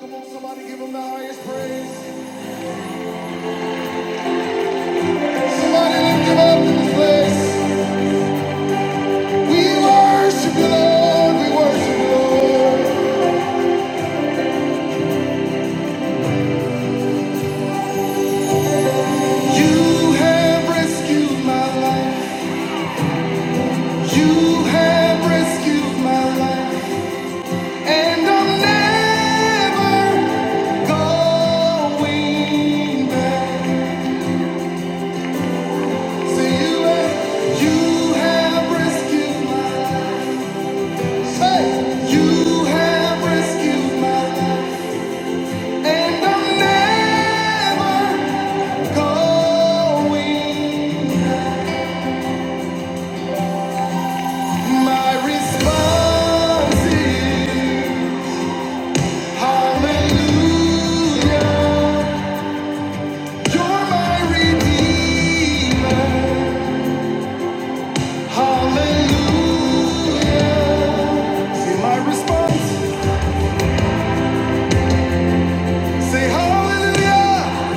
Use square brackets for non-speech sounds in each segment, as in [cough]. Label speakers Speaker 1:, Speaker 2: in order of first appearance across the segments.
Speaker 1: Come on, somebody give him the highest praise. Somebody lift him up in this place. We worship you, Lord. We worship you, Lord. You have rescued my life. You have rescued my life. And I'm never going back. Say you have, you have rescued my life. Say, you have rescued my life. And I'm never going. My response is Hallelujah. You're my redeemer. Hallelujah. Say my response. Say Hallelujah.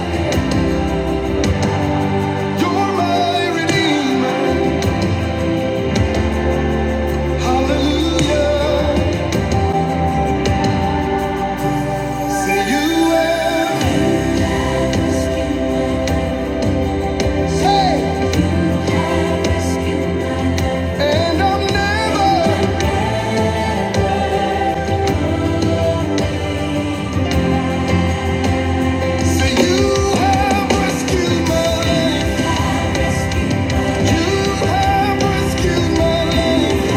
Speaker 1: You're my redeemer. Hallelujah. Say you. Hey, and I'm never. Say you have rescued my life. You have rescued my life.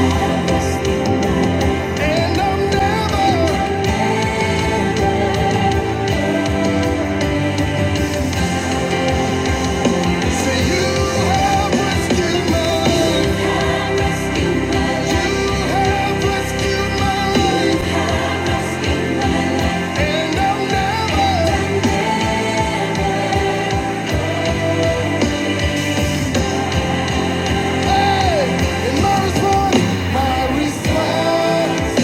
Speaker 1: And I'm never. Say you have rescued my life. You have rescued my life. And I'm never. Hey, and my response, my response.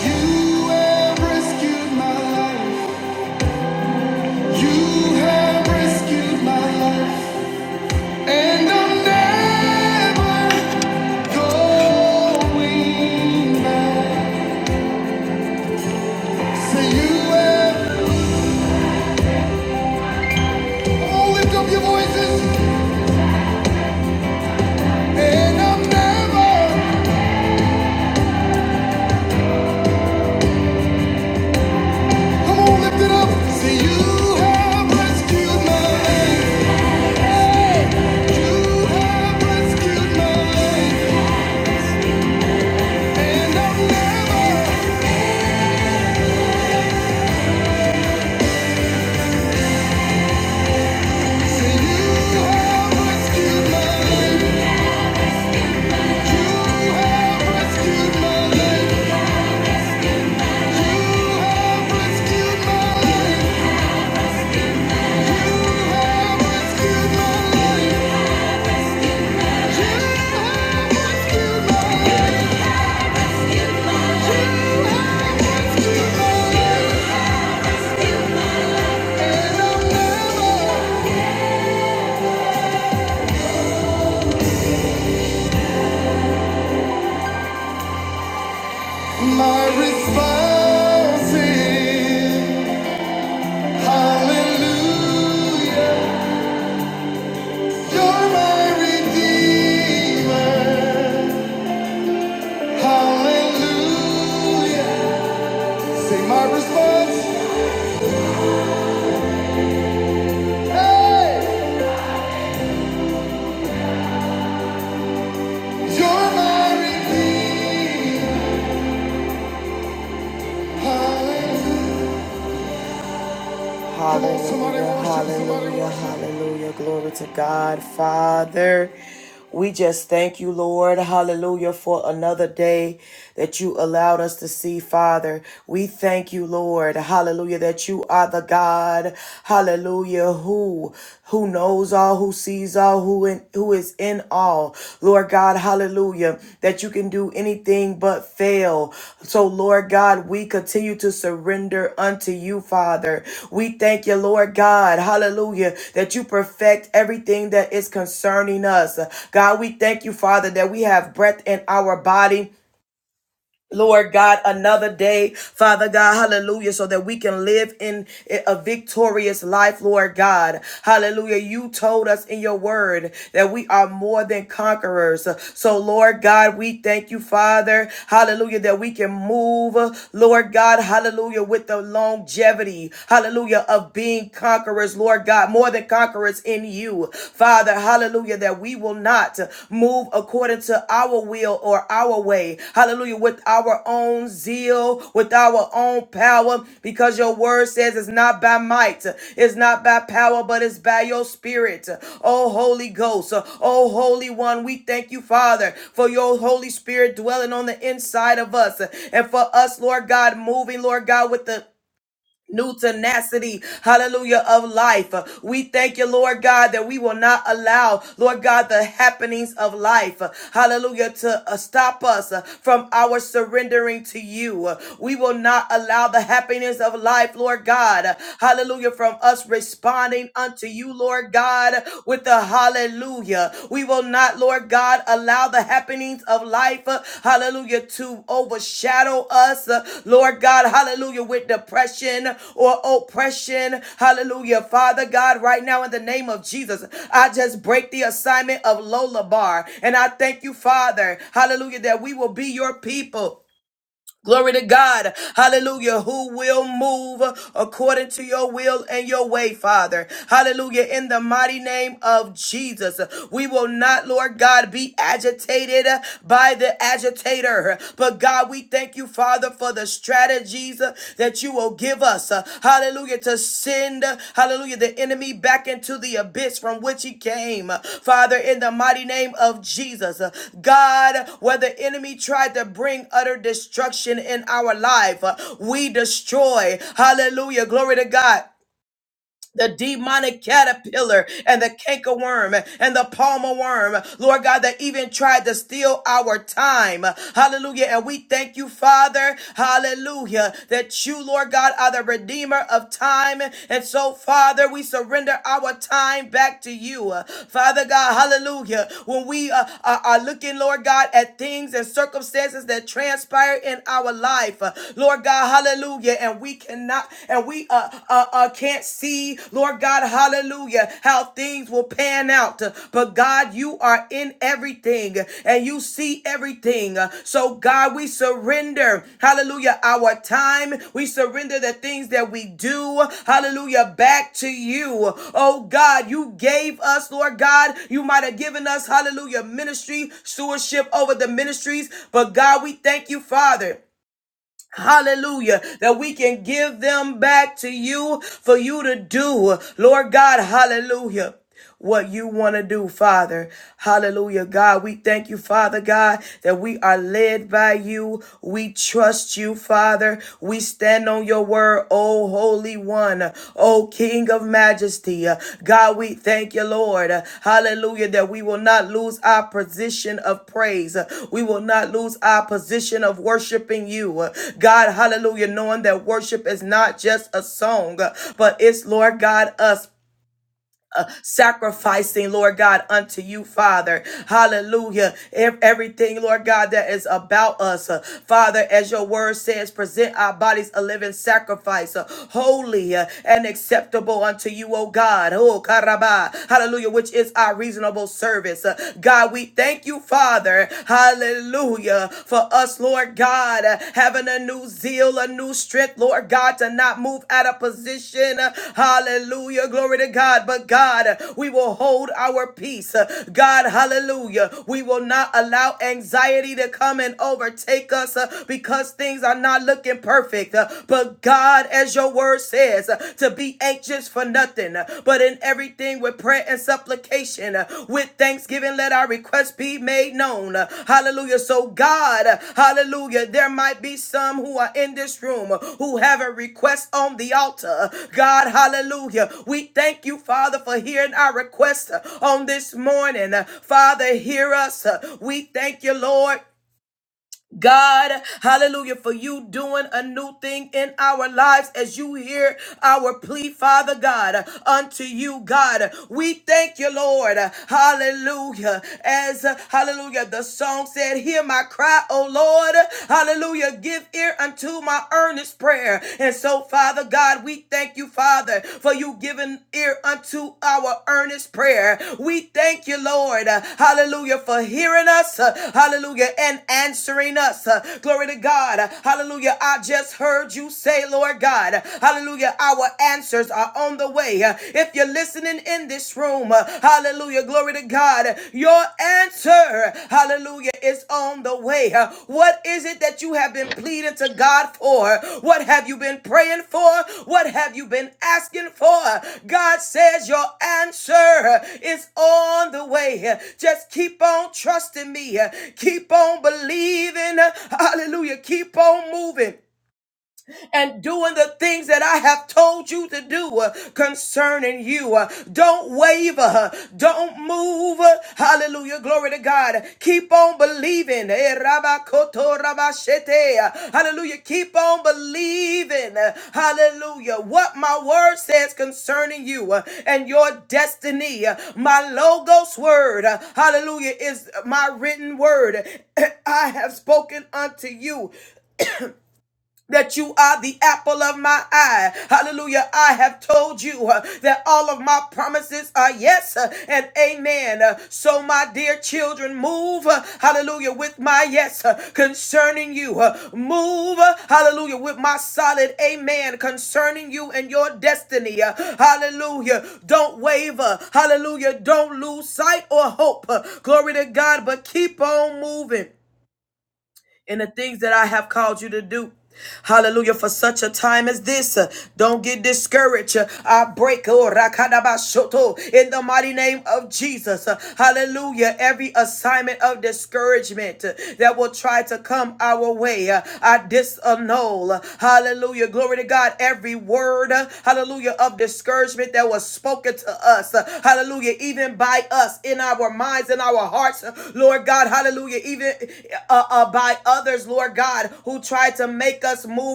Speaker 1: You have rescued my life. You have rescued my life, and I'm never going back. Say you have. Come on, lift up your voices, and I'm never. Come on, lift it up. Say you have rescued my life. You have rescued my life, and I'm never. Say you have rescued my life. You have rescued my life. My response is Hallelujah, you're my redeemer. Hallelujah. Say my response. Hey, you're my redeemer. Hallelujah.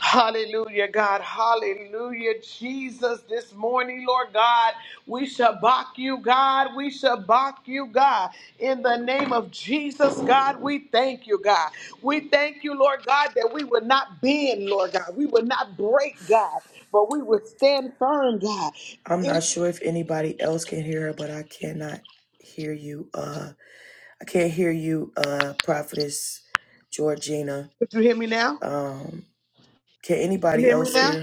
Speaker 2: Hallelujah, God. Hallelujah, Jesus. This morning, Lord God, we shall shabak you, God. We shall shabak you, God. In the name of Jesus, God, we thank you, God. We thank you, Lord God, that we would not bend, Lord God. We would not break, God, but we would stand firm, God. In- Could you hear me now? Could you hear me now?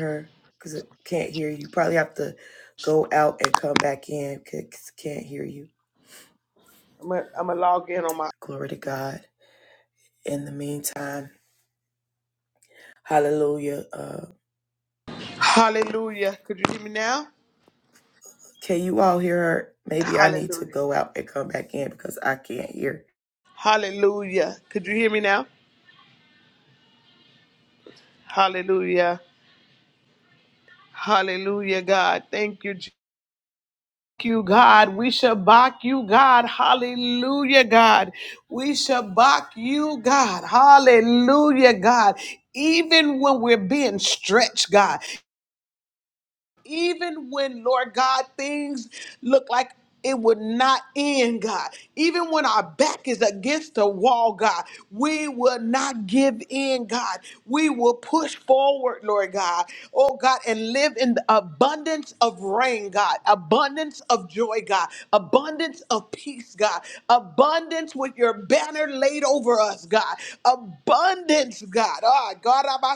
Speaker 2: I'm going to log in on my
Speaker 3: Hallelujah. Could you hear me now? Hallelujah. Hallelujah. Could you hear me now? Hallelujah. Hallelujah, God. Thank you. Je- Thank you, God. We shall back you, God. Hallelujah, God. We shall back you, God. Hallelujah, God. Even when we're being stretched, God. even when, Lord God, things look like it would not end, God. Even when our back is against the wall, God, we will not give in, God. We will push forward, Lord God. Oh, God, and live in the abundance of rain, God, abundance of joy, God, abundance of peace, God, abundance with your banner laid over us, God, abundance, God. Ah, God, I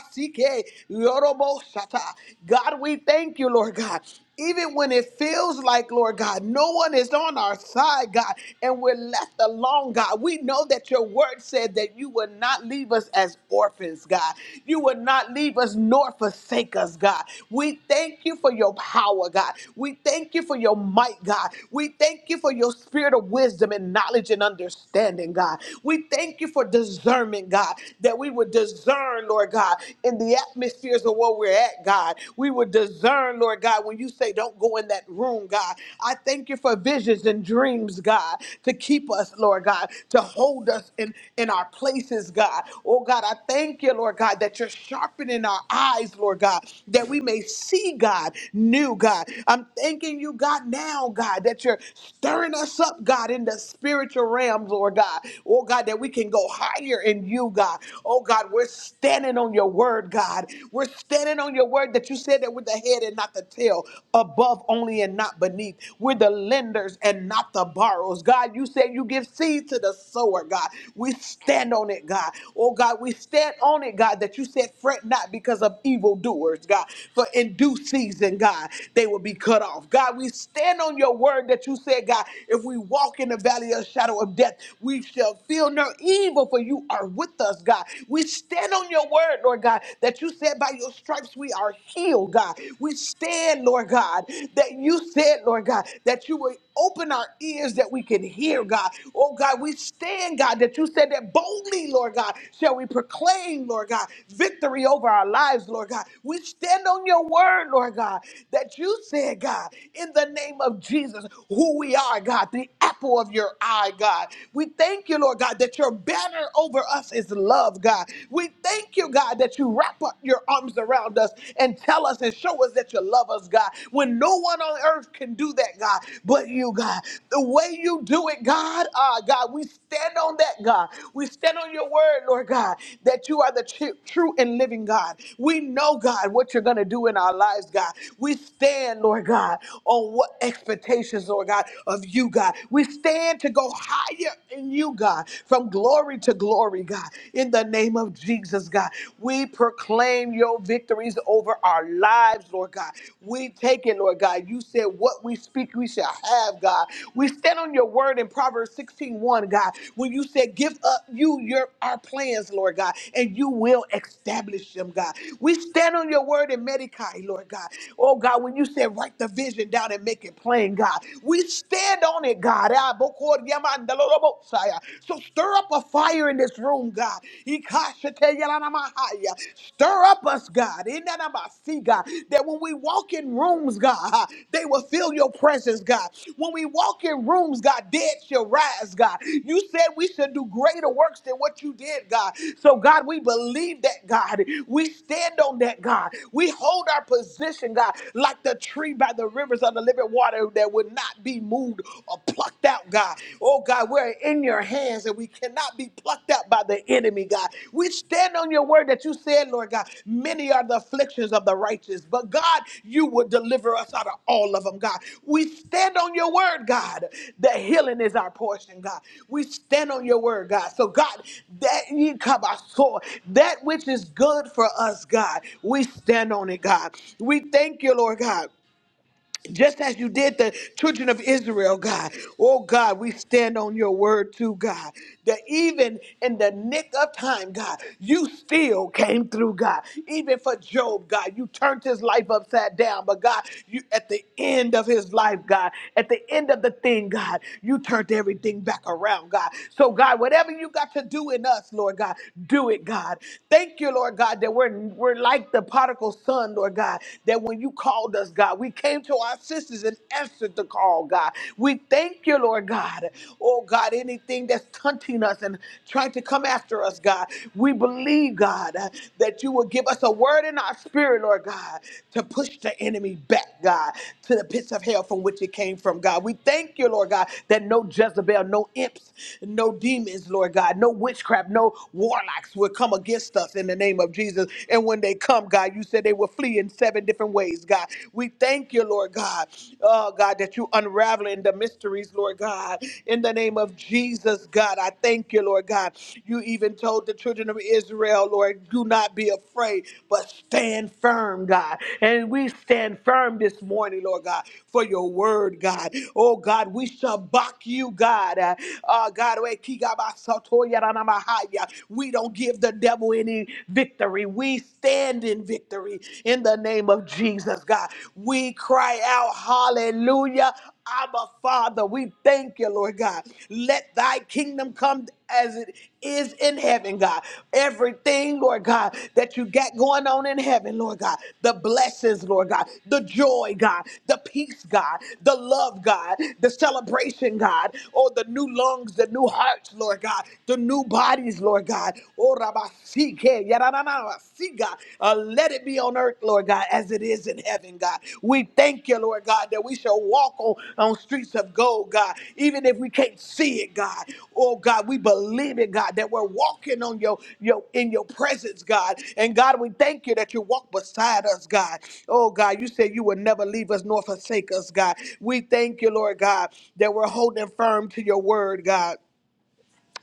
Speaker 3: God, we thank you, Lord God. Even when it feels like, Lord God, no one is on our side, God, and we're left alone, God. We know that your word said that you would not leave us as orphans, God. You would not leave us nor forsake us, God. We thank you for your power, God. We thank you for your might, God. We thank you for your spirit of wisdom and knowledge and understanding, God. We thank you for discernment, God, that we would discern, Lord God, in the the atmospheres of where we're at, God. We would discern, Lord God, when you say don't go in that room, God. I thank you for visions and dreams, God, to keep us, Lord God, to hold us in, in our places, God. Oh, God, I thank you, Lord God, that you're sharpening our eyes, Lord God, that we may see, God, new, God. I'm thanking you, God, now, God, that you're stirring us up, God, in the spiritual realms, Lord God. Oh, God, that we can go higher in you, God. Oh, God, where we're standing on your word, God. We're standing on your word that you said that we're the head and not the tail, above only and not beneath. We're the lenders and not the borrowers. God, you said you give seed to the sower, God. We stand on it, God. Oh, God, we stand on it, God, that you said fret not because of evildoers, God. For in due season, God, they will be cut off. God, we stand on your word that you said, God, if we walk in the valley of shadow of death, we shall feel no evil, for you are are with us, God. We stand on your word, Lord God, that you said by your stripes we are healed, God. We stand, Lord God, that you said, Lord God, that you would open our ears that we can hear, God. Oh, God, we stand, God, that you said that boldly, Lord God, shall we proclaim, Lord God, victory over our lives, Lord God. We stand on your word, Lord God, that you said, God, in the name of Jesus, who we are, God, the apple of your eye, God. We thank you, Lord. Lord God, that your banner over us is love, God. We thank you, God, that you wrap up your arms around us and tell us and show us that you love us, God. When no one on earth can do that, God, but you, God. The way you do it, God, ah, God, we stand on that, God. We stand on your word, Lord God, that you are the tru- true and living God. We know, God, what you're going to do in our lives, God. We stand, Lord God, on what expectations, Lord God, of you, God. We stand to go go higher in you, God, from glory to glory, God. In the name of Jesus, God, we proclaim your victories over our lives, Lord God. We take it, Lord God. You said what we speak, we shall have, God. We stand on your word in Proverbs sixteen one, God, when you said, Give up you your our plans, Lord God, and you will establish them, God. We stand on your word in Medicaid, Lord God. Oh God, when you said, Write the vision down and make it plain, God. We stand Stand on it, God. Ah, bokor yamandalorobosaya. So stir up a fire in this room, God. Ikashete yalanamahaya. Stir up us, God. Inanamasi, God. That when we walk in rooms, God, ah, they will feel your presence, God. When we walk in rooms, God, dead shall rise, God. You said we should do greater works than what you did, God. So, God, we believe that, God. We stand on that, God. We hold our position, God, like the tree by the rivers of the living water water that would not be moved or plucked out, God. Oh, God, we're in your hands and we cannot be plucked out by the enemy, God. We stand on your word that you said, Lord God, many are the afflictions of the righteous, but God, you will deliver us out of all of them, God. We stand on your word, God, that healing is our portion, God. We stand on your word, God. So, God, that ye come our soul, that which is good for us, God, we stand on it, God. We thank you, Lord God just as you did the children of Israel, God. Oh, God, we stand on your word too, God. That even in the nick of time, God, you still came through, God. Even for Job, God, you turned his life upside down. But God, you at the end of his life, God, at the end of the thing, God, you turned everything back around, God. So, God, whatever you got to do in us, Lord God, do it, God. Thank you, Lord God, that we're we're like the prodigal son, Lord God, that that when you called us, God, we came to our sisters and answered the call, God. We thank you, Lord God. Oh, God, anything that's hunting us and trying to come after us, God, we believe, God, uh, that you will give us a word in our spirit, Lord God, to push the enemy back, God, to the pits of hell from which it came from, God. We thank you, Lord God, that no Jezebel, no imps, no demons, Lord God, no witchcraft, no warlocks will come against us in the name of Jesus. And when they come, come, God. You said they will flee in seven different ways, God. We thank you, Lord God. Oh, God, that you unraveling the mysteries, Lord God. In the name of Jesus, God, I thank you, Lord God. You even told the children of Israel, Lord, do not be afraid, but stand firm, God. And we stand firm this morning, Lord God, for your word, God. Oh, God, we shall back you, God. Uh, uh, God, we we don't give the devil go in victory. We stand in victory in the name of Jesus, God. We cry out, hallelujah. Abba, Father, we thank you, Lord God. Let thy kingdom come as it is in heaven, God. Everything, Lord God, that you got going on in heaven, Lord God. The blessings, Lord God. The joy, God. The peace, God. The love, God. The celebration, God. Oh, the new lungs, the new hearts, Lord God. The new body bodies, Lord God. Oh, Rabasike, Yarananabasika. Uh, let it be on earth, Lord God, as it is in heaven, God. We thank you, Lord God, that we shall walk on, on streets of gold, God, even if we can't see it, God. Oh, God, we believe it, God, that we're walking on your, your in your presence, God. And God, we thank you that you walk beside us, God. Oh, God, you said you would never leave us nor forsake us, God. We thank you, Lord God, that we're holding firm to your word, God.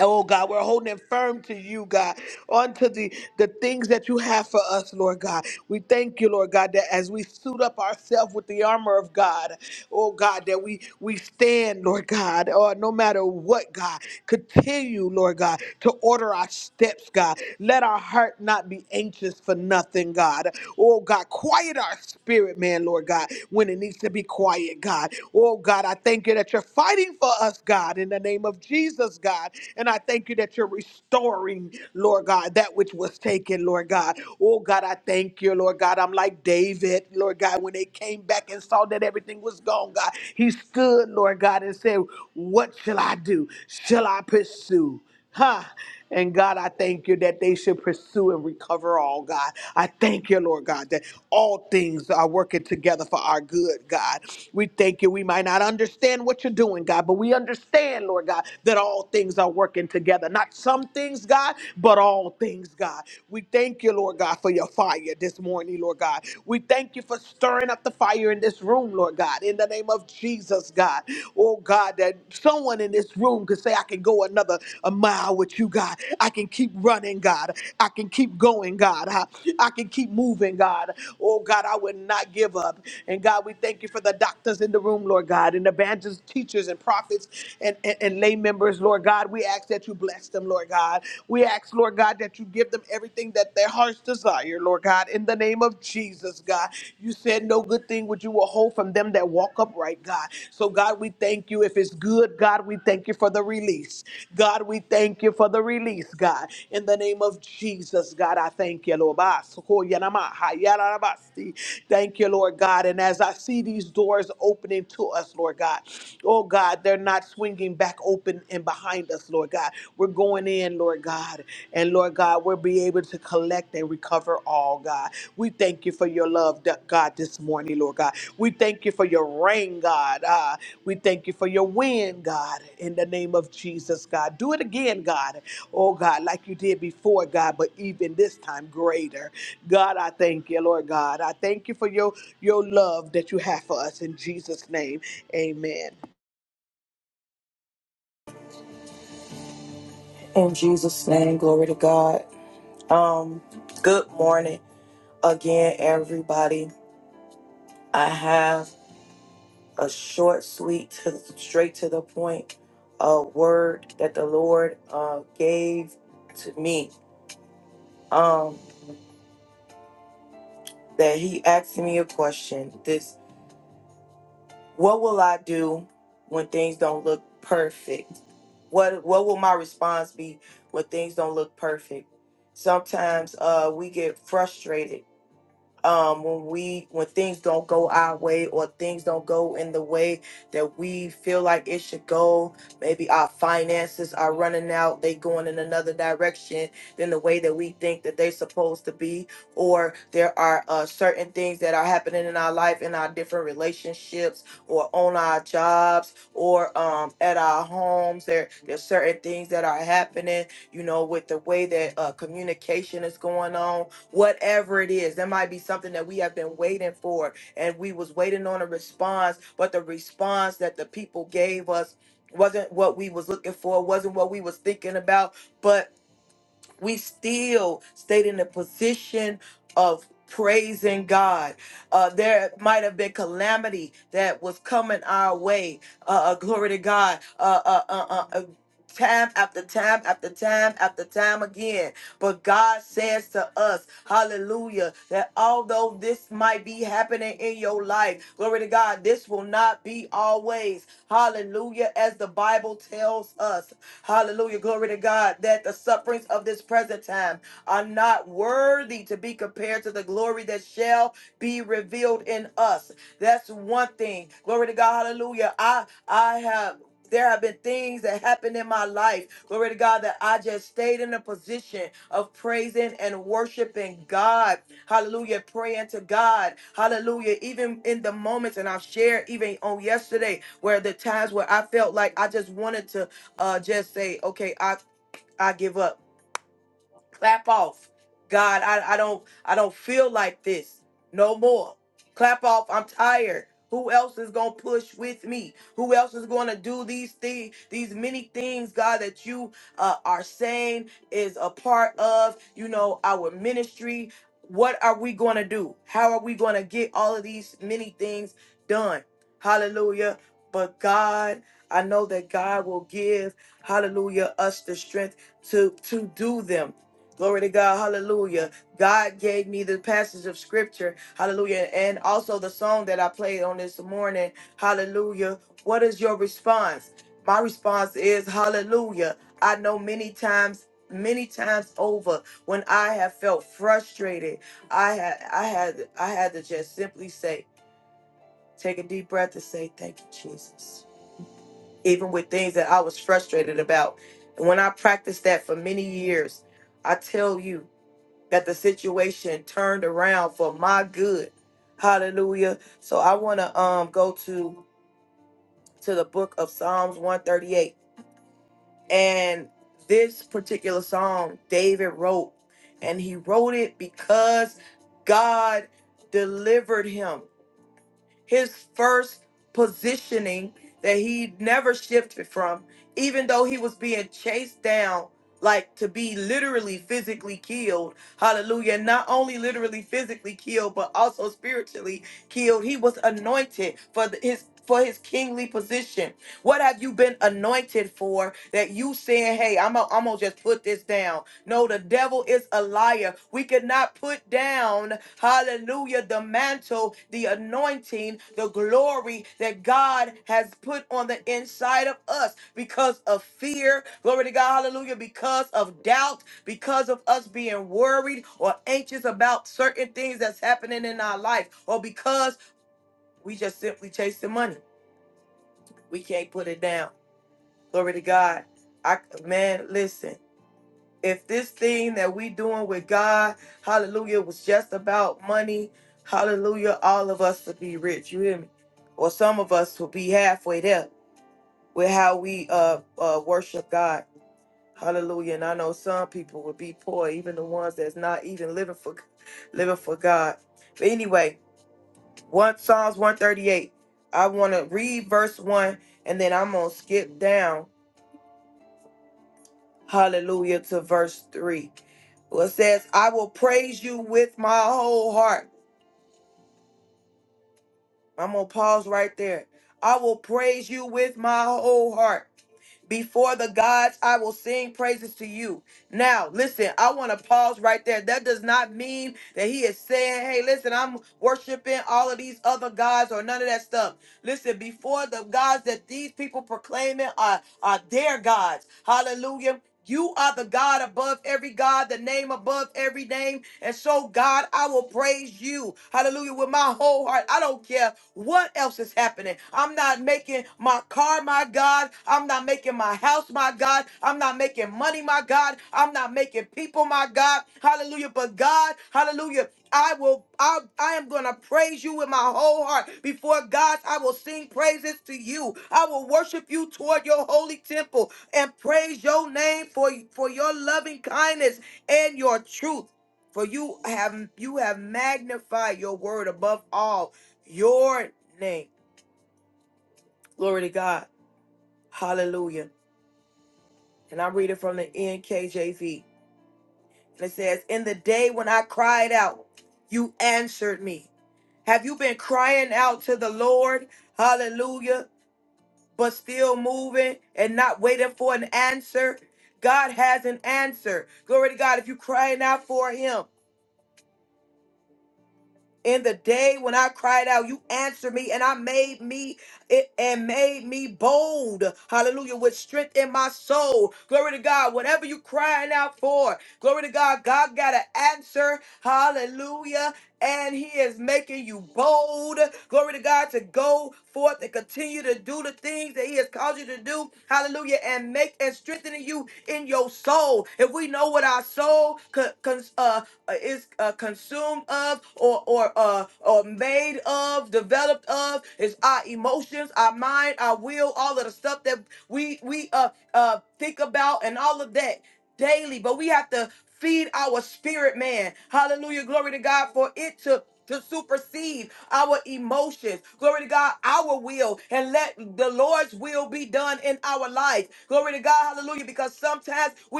Speaker 3: Oh God, we're holding firm to you, God, onto the, the things that you have for us, Lord God. We thank you, Lord God, that as we suit up ourselves with the armor of God, oh God, that we we stand, Lord God, or no matter what, God, continue, Lord God, to order our steps, God. Let our heart not be anxious for nothing, God. Oh God, quiet our spirit, man, Lord God, when it needs to be quiet, God. Oh God, I thank you that you're fighting for us, God, in the name of Jesus yours, God. And I thank you that you're restoring, Lord God, that which was taken, Lord God. Oh, God, I thank you, Lord God. I'm like David, Lord God, when they came back and saw that everything was gone, God. He stood, Lord God, and said, What shall I do? Shall I pursue? Ha! And God, I thank you that they should pursue and recover all, God. I thank you, Lord God, that all things are working together for our good, God. We thank you. We might not understand what you're doing, God, but we understand, Lord God, that all things are working together. Not some things, God, but all things, God. We thank you, Lord God, for your fire this morning, Lord God. We thank you for stirring up the fire in this room, Lord God, in the name of Jesus. Jesus, God. Oh, God, that someone in this room could say, I can go another a mile with you, God. I can keep running, God. I can keep going, God. I, I can keep moving, God. Oh, God, I would not give up. And God, we thank you for the doctors in the room, Lord God, and evangelists, teachers, and prophets and, and, and lay members, Lord God. We ask that you bless them, Lord God. We ask, Lord God, that you give them everything that their hearts desire, Lord God, in the name of name of Jesus, God. You said no good thing would you withhold from them that walk upright, God. So, God, we thank you. If it's good, God, we thank you for the release. God, we thank you for the release, God. In the name of Jesus, God, I thank you, Lord. Ba, soko, yanama, ha, yarabasti. Thank you, Lord God. And as I see these doors opening to us, Lord God, oh God, they're not swinging back open and behind us, Lord God. We're going in, Lord in, Lord God. And Lord God, we'll be able to collect and recover all, God. We thank you for your love, da- God, this morning, Lord God. We thank you for your rain, God. Ah, we thank you for your wind, God, in the name of Jesus, God. Do it again, God. Oh, God, like you did before, God, but even this time greater. God, I thank you, Lord God. I thank you for your, your love that you have for us in Jesus' name. Amen.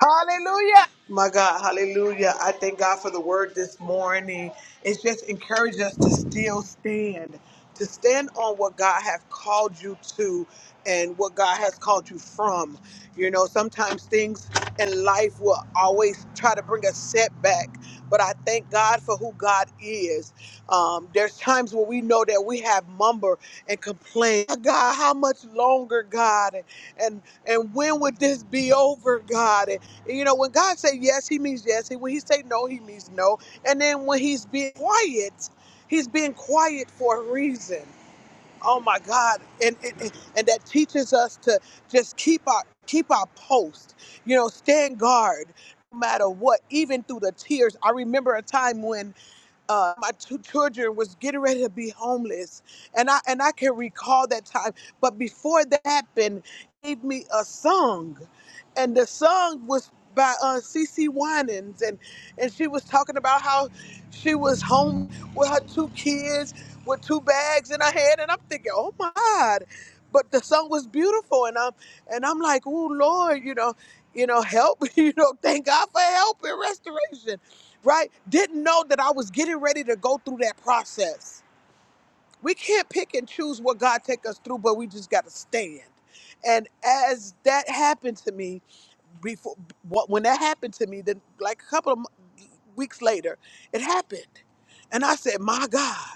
Speaker 3: Hallelujah. My God, hallelujah. I thank God for the word this morning. It's just encouraged us to still stand, to stand on what God has called you to and what God has called you from. You know, sometimes things in life will always try to bring a setback, but I thank God for who God is. Um, there's times where we know that we have mumber and complain, "Oh, God, how much longer, God? And and and when would this be over, God? And, you know, when God say yes, He means yes. And when He say no, He means no. And then when He's being quiet, He's being quiet for a reason. Oh my God. And, and and that teaches us to just keep our keep our post. You know, stand guard no matter what, even through the tears. I remember a time when uh, my two children was getting ready to be homeless, and I and I can recall that time. But before that happened, gave me a song, and the song was by uh, Cece Winans, and and she was talking about how she was home with her two kids with two bags in her head, and I'm thinking, oh my God. But the song was beautiful, and I'm and I'm like, oh Lord, you know, you know, help, [laughs] you know, thank God for help and restoration, right? Didn't know that I was getting ready to go through that process. We can't pick and choose what God take us through, but we just got to stand. And as that happened to me, before wh- when that happened to me, then like a couple of mo- weeks later, it happened, and I said, my God.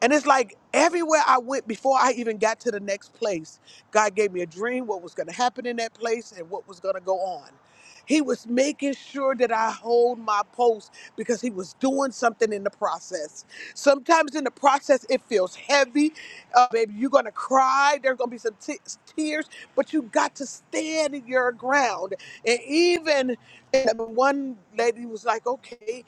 Speaker 3: And it's like everywhere I went before I even got to the next place, God gave me a dream, what was going to happen in that place, and what was going to go on. He was making sure that I hold my post because he was doing something in the process. Sometimes in the process, it feels heavy. Uh, baby, you're going to cry. There's going to be some t- tears, but you got to stand your ground. And even and one lady was like, okay.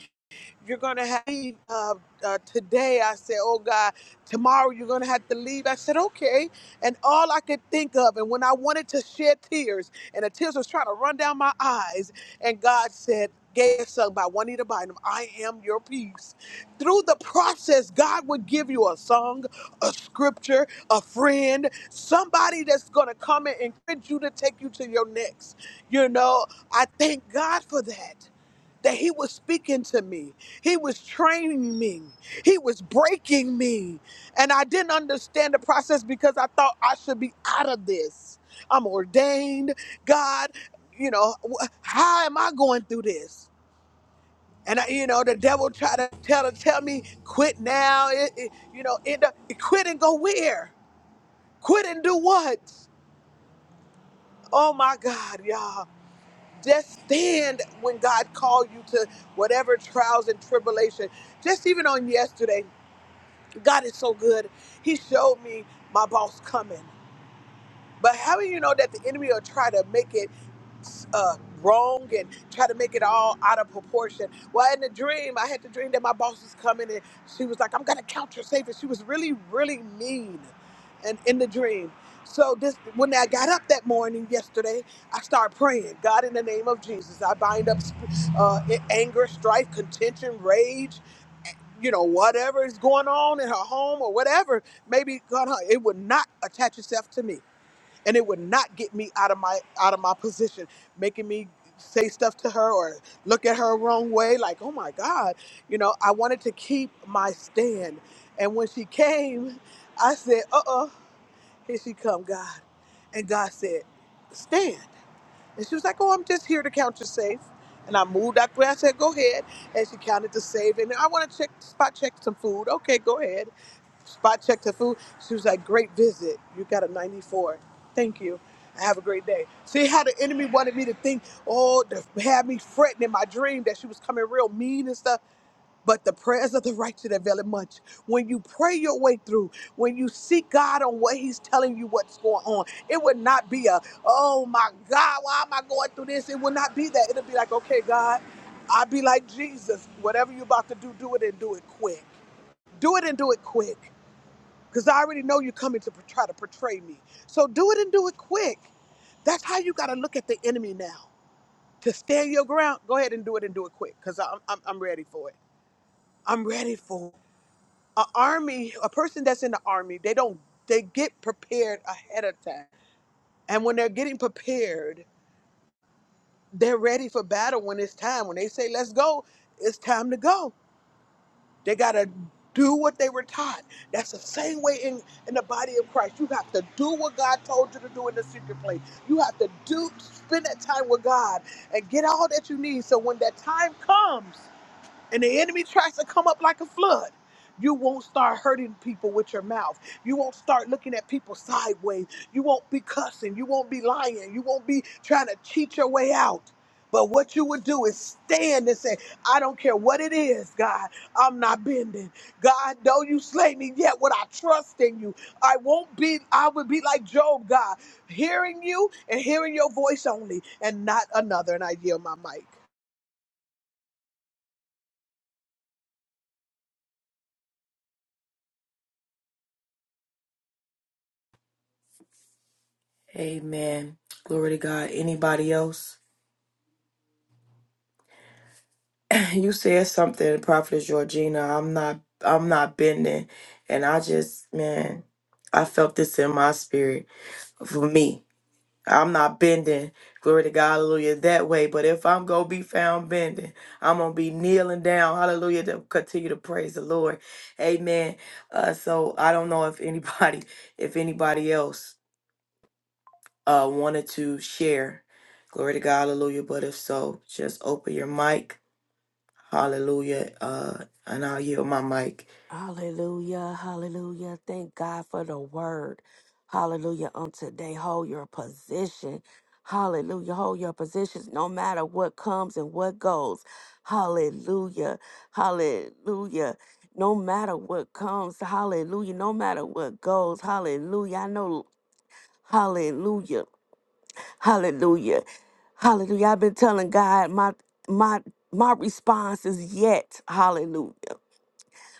Speaker 3: You're going to have to leave uh, uh, today. I said, Oh God, tomorrow you're going to have to leave. I said, Okay. And all I could think of, and when I wanted to shed tears, and the tears was trying to run down my eyes, and God said, Gave sung by Juanita Bynum, I am your peace. Through the process, God would give you a song, a scripture, a friend, somebody that's going to come and encourage you to take you to your next. You know, I thank God for that that he was speaking to me. He was training me. He was breaking me. And I didn't understand the process because I thought I should be out of this. I'm ordained. God, you know, wh- how am I going through this? And I, you know, the devil tried to tell tell me quit now. It, it- you know, end up quit and go where? Quit and do what? Oh my God, y'all. just stand when God called you to whatever trials and tribulation. Just even on yesterday, God is so good. He showed me my boss coming. But how do you know that the enemy will try to make it? uh, wrong and try to make it all out of proportion. Well, in the dream, I had the dream that my boss was coming and she was like, I'm going to count your savings. She was really, really mean and in the dream. So this, when I got up that morning yesterday, I started praying, God, in the name of Jesus, I bind up uh, anger, strife, contention, rage, you know, whatever is going on in her home or whatever, maybe God, huh, it would not attach itself to me and it would not get me out of my out of my position making me say stuff to her or look at her wrong way like oh my god you know i wanted to keep my stand and when she came i said uh-uh here she come god and god said stand and she was like oh i'm just here to count you safe and i moved out the way i said go ahead and she counted the save and i want to check spot check some food okay go ahead Spot checked her food. She was like, Great visit. You got a 94. Thank you. Have a great day. See how the enemy wanted me to think, oh, to have me fretting in my dream that she was coming real mean and stuff. But the prayers of the righteous avail it much. When you pray your way through, when you seek God on what He's telling you what's going on, it would not be a, oh my God, why am I going through this? It will not be that. It'll be like, okay, God, I'll be like Jesus. Whatever you're about to do, do it and do it quick. Do it and do it quick because I already know you're coming to try to portray me. So do it and do it quick. That's how you got to look at the enemy now. To stand your ground, go ahead and do it and do it quick because I'm, I'm, I'm ready for it. I'm ready for it. An army, a person that's in the army, they don't, they get prepared ahead of time. And when they're getting prepared, they're ready for battle when it's time. When they say, let's go, it's time to go They got to do what they were taught. That's the same way in, in the body of Christ. You have to do what God told you to do in the secret place. You have to do spend that time with God and get all that you need. So when that time comes, and the enemy tries to come up like a flood, you won't start hurting people with your mouth. You won't start looking at people sideways. You won't be cussing. You won't be lying. You won't be trying to cheat your way out. But what you would do is stand and say, I don't care what it is, God, I'm not bending. God, though you slay me, yet would I trust in you. I won't be, I would be like Job, God, hearing you and hearing your voice only and not another. And I yield my mic.
Speaker 4: Hallelujah, hallelujah. Thank God for the word. Hallelujah. On today, hold your position. Hallelujah. Hold your positions no matter what comes and what goes. Hallelujah. Hallelujah. No matter what comes, hallelujah. No matter what goes, hallelujah. I know, hallelujah. Hallelujah. Hallelujah. I've been telling God my my my response is yet. Hallelujah.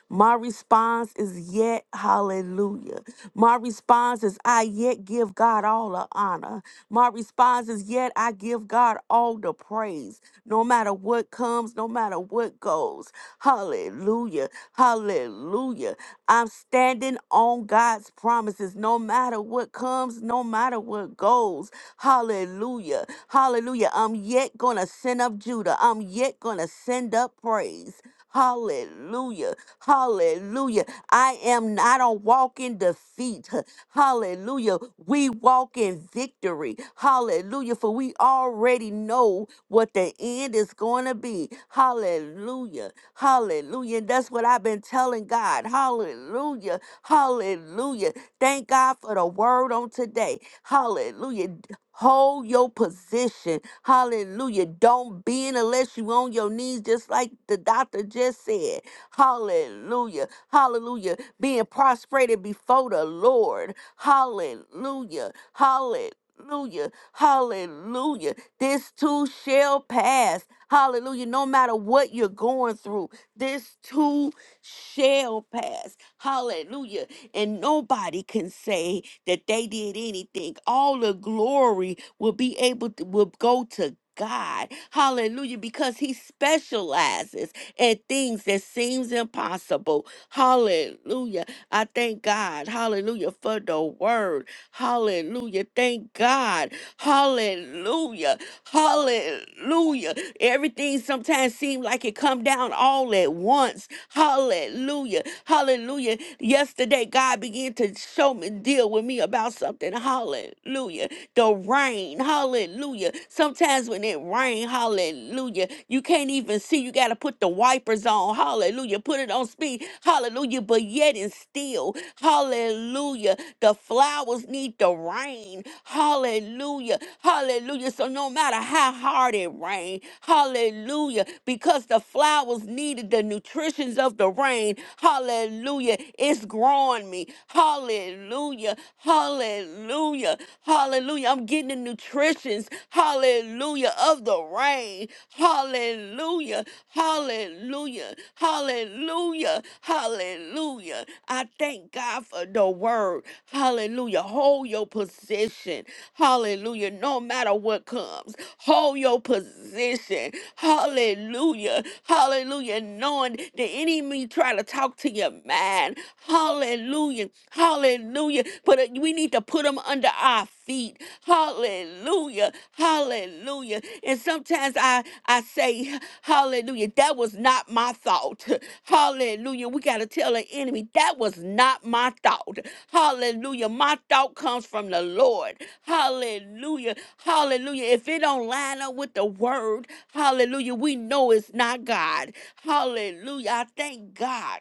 Speaker 4: My response is yet hallelujah. My response is I yet give God all the honor. My response is yet I give God all the praise. No matter what comes, no matter what goes. Hallelujah. Hallelujah. I'm standing on God's promises no matter what comes, no matter what goes. Hallelujah. Hallelujah. I'm yet going to send up Judah. I'm yet going to send up praise. Hallelujah. Hallelujah. I am not on walking defeat. Hallelujah. We walk in victory. Hallelujah. For we already know what the end is going to be. Hallelujah. Hallelujah. And that's what I've been telling God. Hallelujah. Hallelujah. Thank God for the word on today. Hallelujah. D- Hold your position. Hallelujah. Don't bend unless you on your knees, just like the doctor just said. Hallelujah. Hallelujah. Being prostrated before the Lord. Hallelujah. Hallelujah. Hallelujah. This too shall pass. Hallelujah. No matter what you're going through, this too shall pass. Hallelujah. And nobody can say that they did anything. All the glory will be able to will go to God. Hallelujah. Because he specializes in things that seems impossible. Hallelujah. I thank God. Hallelujah for the word. Hallelujah. Thank God. Hallelujah. Hallelujah. Everything sometimes seems like it come down all at once. Hallelujah. Hallelujah. Yesterday, God began to show me, deal with me about something. Hallelujah the rain. Hallelujah. Sometimes when it rains, hallelujah, you can't even see. You got to put the wipers on. Hallelujah. Put it on speed. Hallelujah. But yet and still, hallelujah, the flowers need the rain. Hallelujah. Hallelujah. So no matter how hard it rained, hallelujah, because the flowers needed the nutrition conditions of the rain. Hallelujah. It's growing me. Hallelujah. Hallelujah. Hallelujah. I'm getting the nutritions. Hallelujah. Of the rain. Hallelujah. Hallelujah. Hallelujah. Hallelujah. I thank God for the word. Hallelujah. Hold your position. Hallelujah. No matter what comes, hold your position. Hallelujah. Hallelujah. Knowing the enemy try to talk to your mind. Hallelujah. Hallelujah. But uh, we need to put them under our feet. Hallelujah. Hallelujah. And sometimes I, I say, Hallelujah. That was not my thought. [laughs] Hallelujah. We got to tell the enemy that was not my thought. Hallelujah. My thought comes from the Lord. Hallelujah. Hallelujah. If it don't line up with the word, hallelujah, we know it's not God. Hallelujah. I thank God.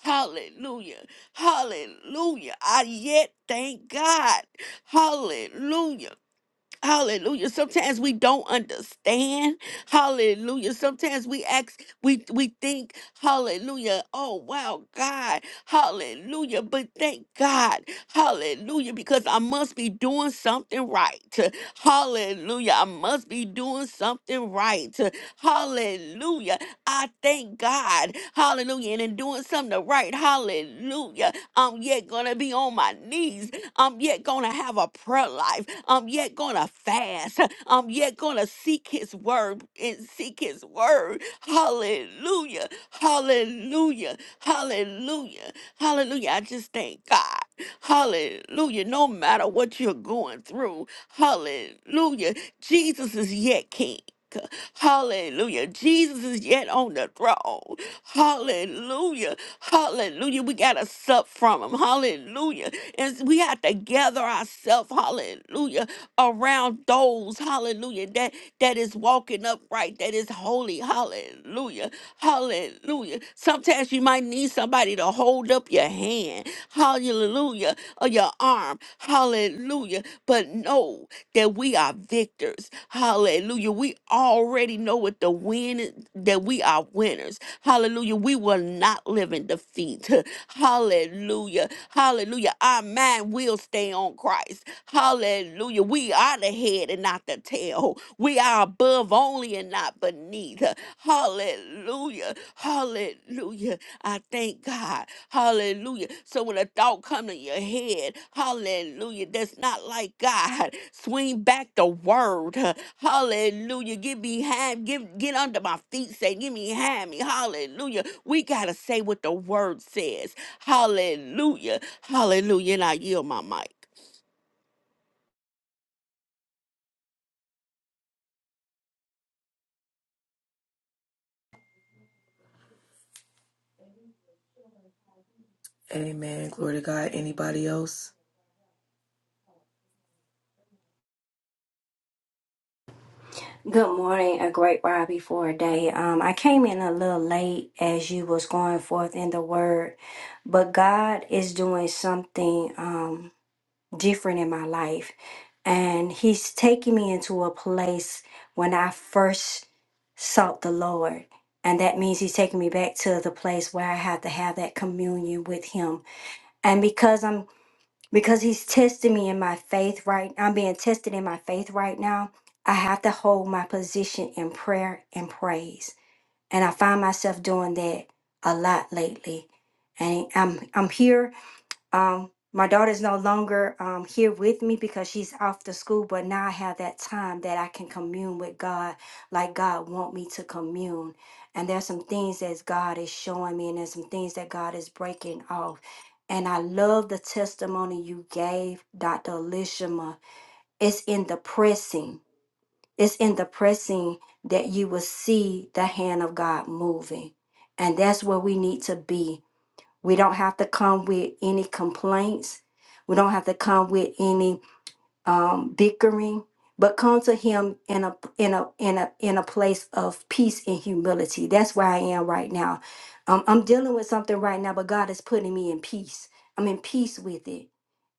Speaker 4: Hallelujah. Hallelujah. I yet thank God. Hallelujah. Hallelujah. Sometimes we don't understand. Hallelujah. Sometimes we ask, we we think, hallelujah. Oh wow, God. Hallelujah. But thank God. Hallelujah. Because I must be doing something right. Hallelujah. I must be doing something right. Hallelujah. I thank God. Hallelujah. And in doing something right, hallelujah. I'm yet gonna be on my knees I'm yet gonna have a prayer life. I'm yet gonna fast. I'm yet gonna seek his word and seek his word. Hallelujah. Hallelujah. Hallelujah. Hallelujah. I just thank God. Hallelujah. No matter what you're going through. Hallelujah. Jesus is yet king. Hallelujah. Jesus is yet on the throne. Hallelujah. Hallelujah. We got to sup from him. Hallelujah. And we have to gather ourselves, hallelujah, around those, hallelujah, that, that is walking upright, that is holy. Hallelujah. Hallelujah. Sometimes you might need somebody to hold up your hand. Hallelujah. Or your arm. Hallelujah. But no that we are victors. Hallelujah. We already know what the win is- that we are winners. Hallelujah. We will not live in defeat. [laughs] Hallelujah. Hallelujah. Our mind will stay on Christ. Hallelujah. We are the head and not the tail. We are above only and not beneath. Hallelujah. Hallelujah. I thank God. Hallelujah. So when a thought come to your head, hallelujah, that's not like God. Swing back the word. Hallelujah. Get behind, give get under my feet. Say, get behind me. Hallelujah. We gotta say what the word says. Hallelujah. Hallelujah. And I yield my mic.
Speaker 5: Good morning, a great ride before a day. Um, I came in a little late as you was going forth in the word, but God is doing something um different in my life, and He's taking me into a place when I first sought the Lord, and that means He's taking me back to the place where I have to have that communion with Him. And because I'm because he's testing me in my faith right i'm being tested in my faith right now i have to hold my position in prayer and praise and i find myself doing that a lot lately and i'm i'm here um, my daughter's no longer um, here with me because she's off to school, but now I have that time that I can commune with God like God want me to commune. And there's some things that God is showing me, and there's some things that God is breaking off. And I love the testimony you gave, Dr. Elishama. It's in the pressing. It's in the pressing that you will see the hand of God moving. And that's where we need to be we don't have to come with any complaints. We don't have to come with any um, bickering, but come to Him in a in a in a in a place of peace and humility. That's where I am right now. Um, I'm dealing with something right now, but God is putting me in peace. I'm in peace with it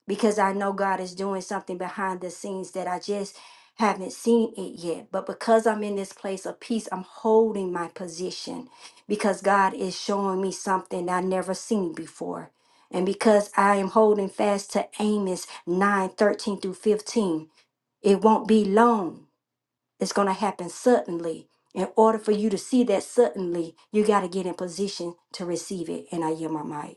Speaker 5: because I know God is doing something behind the scenes that I just haven't seen it yet. But because I'm in this place of peace, I'm holding my position because God is showing me something I never seen before. And because I am holding fast to Amos 9 13 through 15, it won't be long. It's going to happen suddenly. In order for you to see that suddenly, you got to get in position to receive it. And I yield my mic.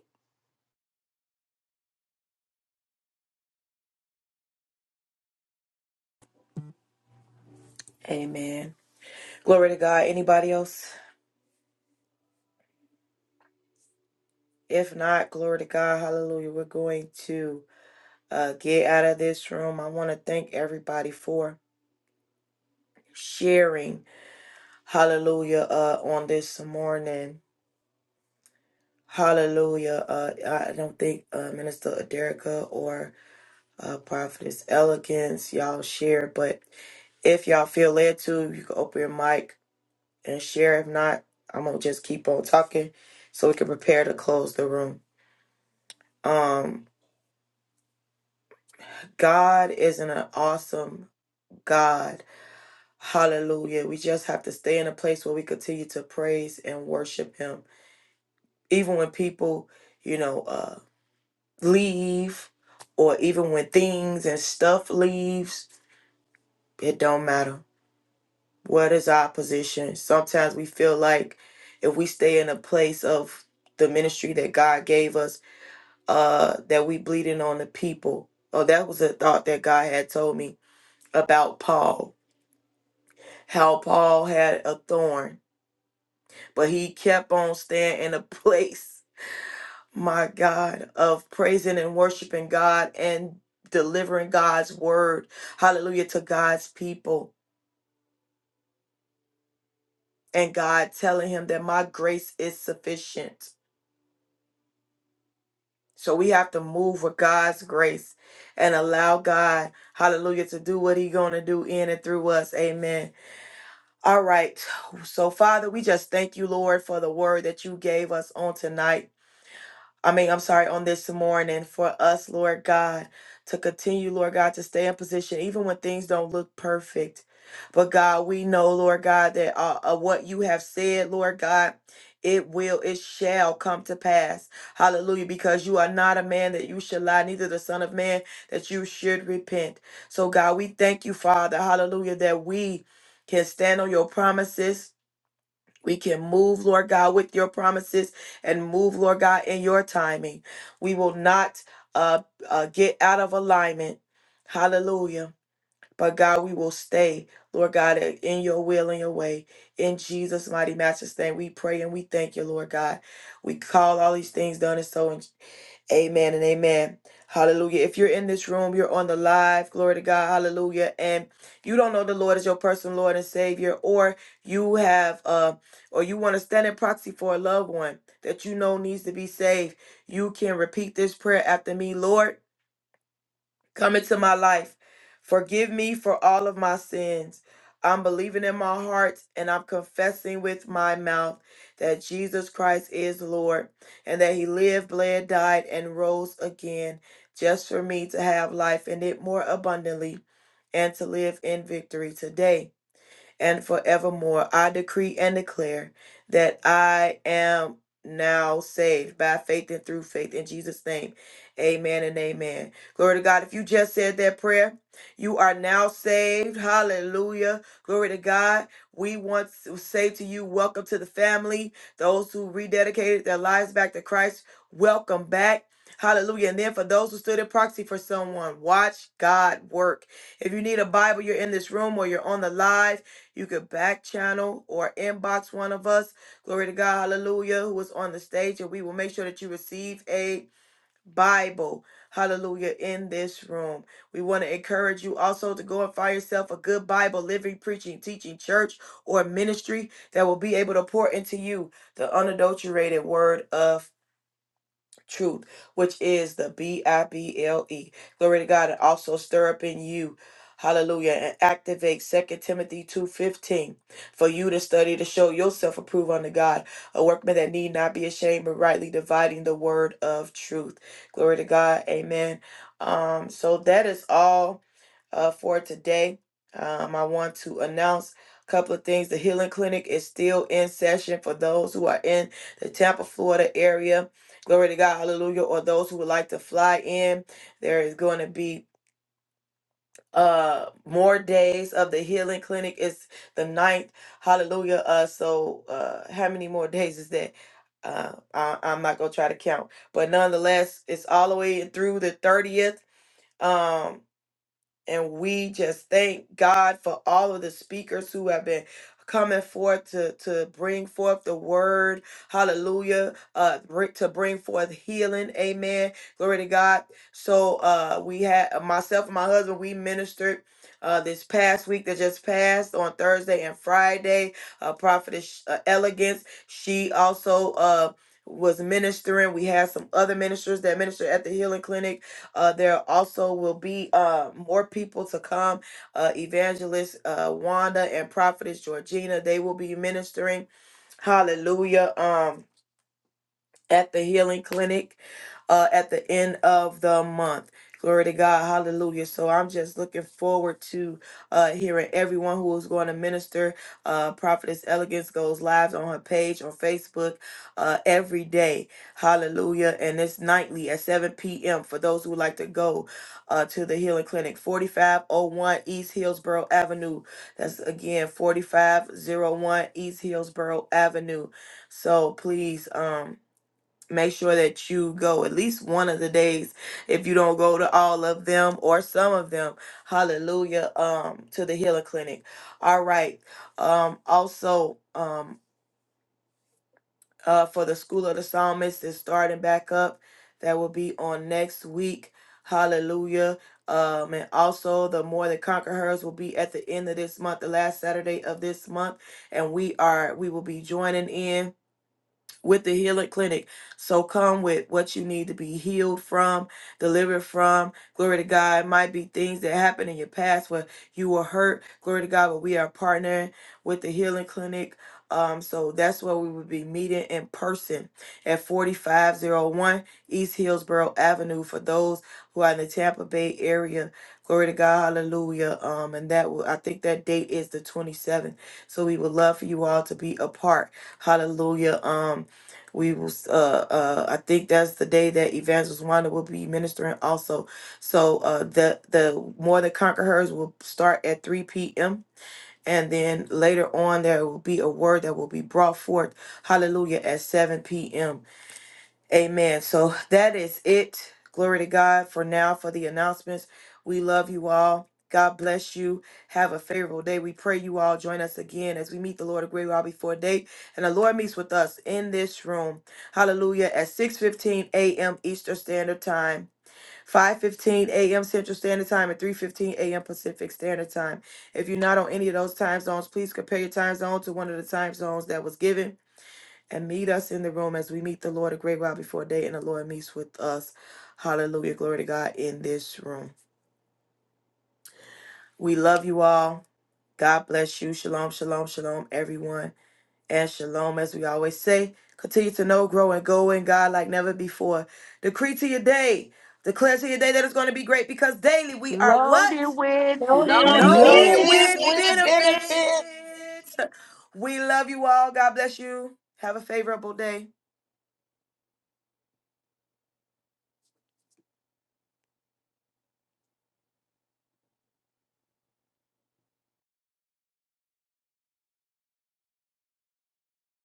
Speaker 4: Loaded with
Speaker 6: Long
Speaker 4: benefits.
Speaker 3: Loaded
Speaker 6: with
Speaker 3: with
Speaker 6: benefits.
Speaker 3: benefits.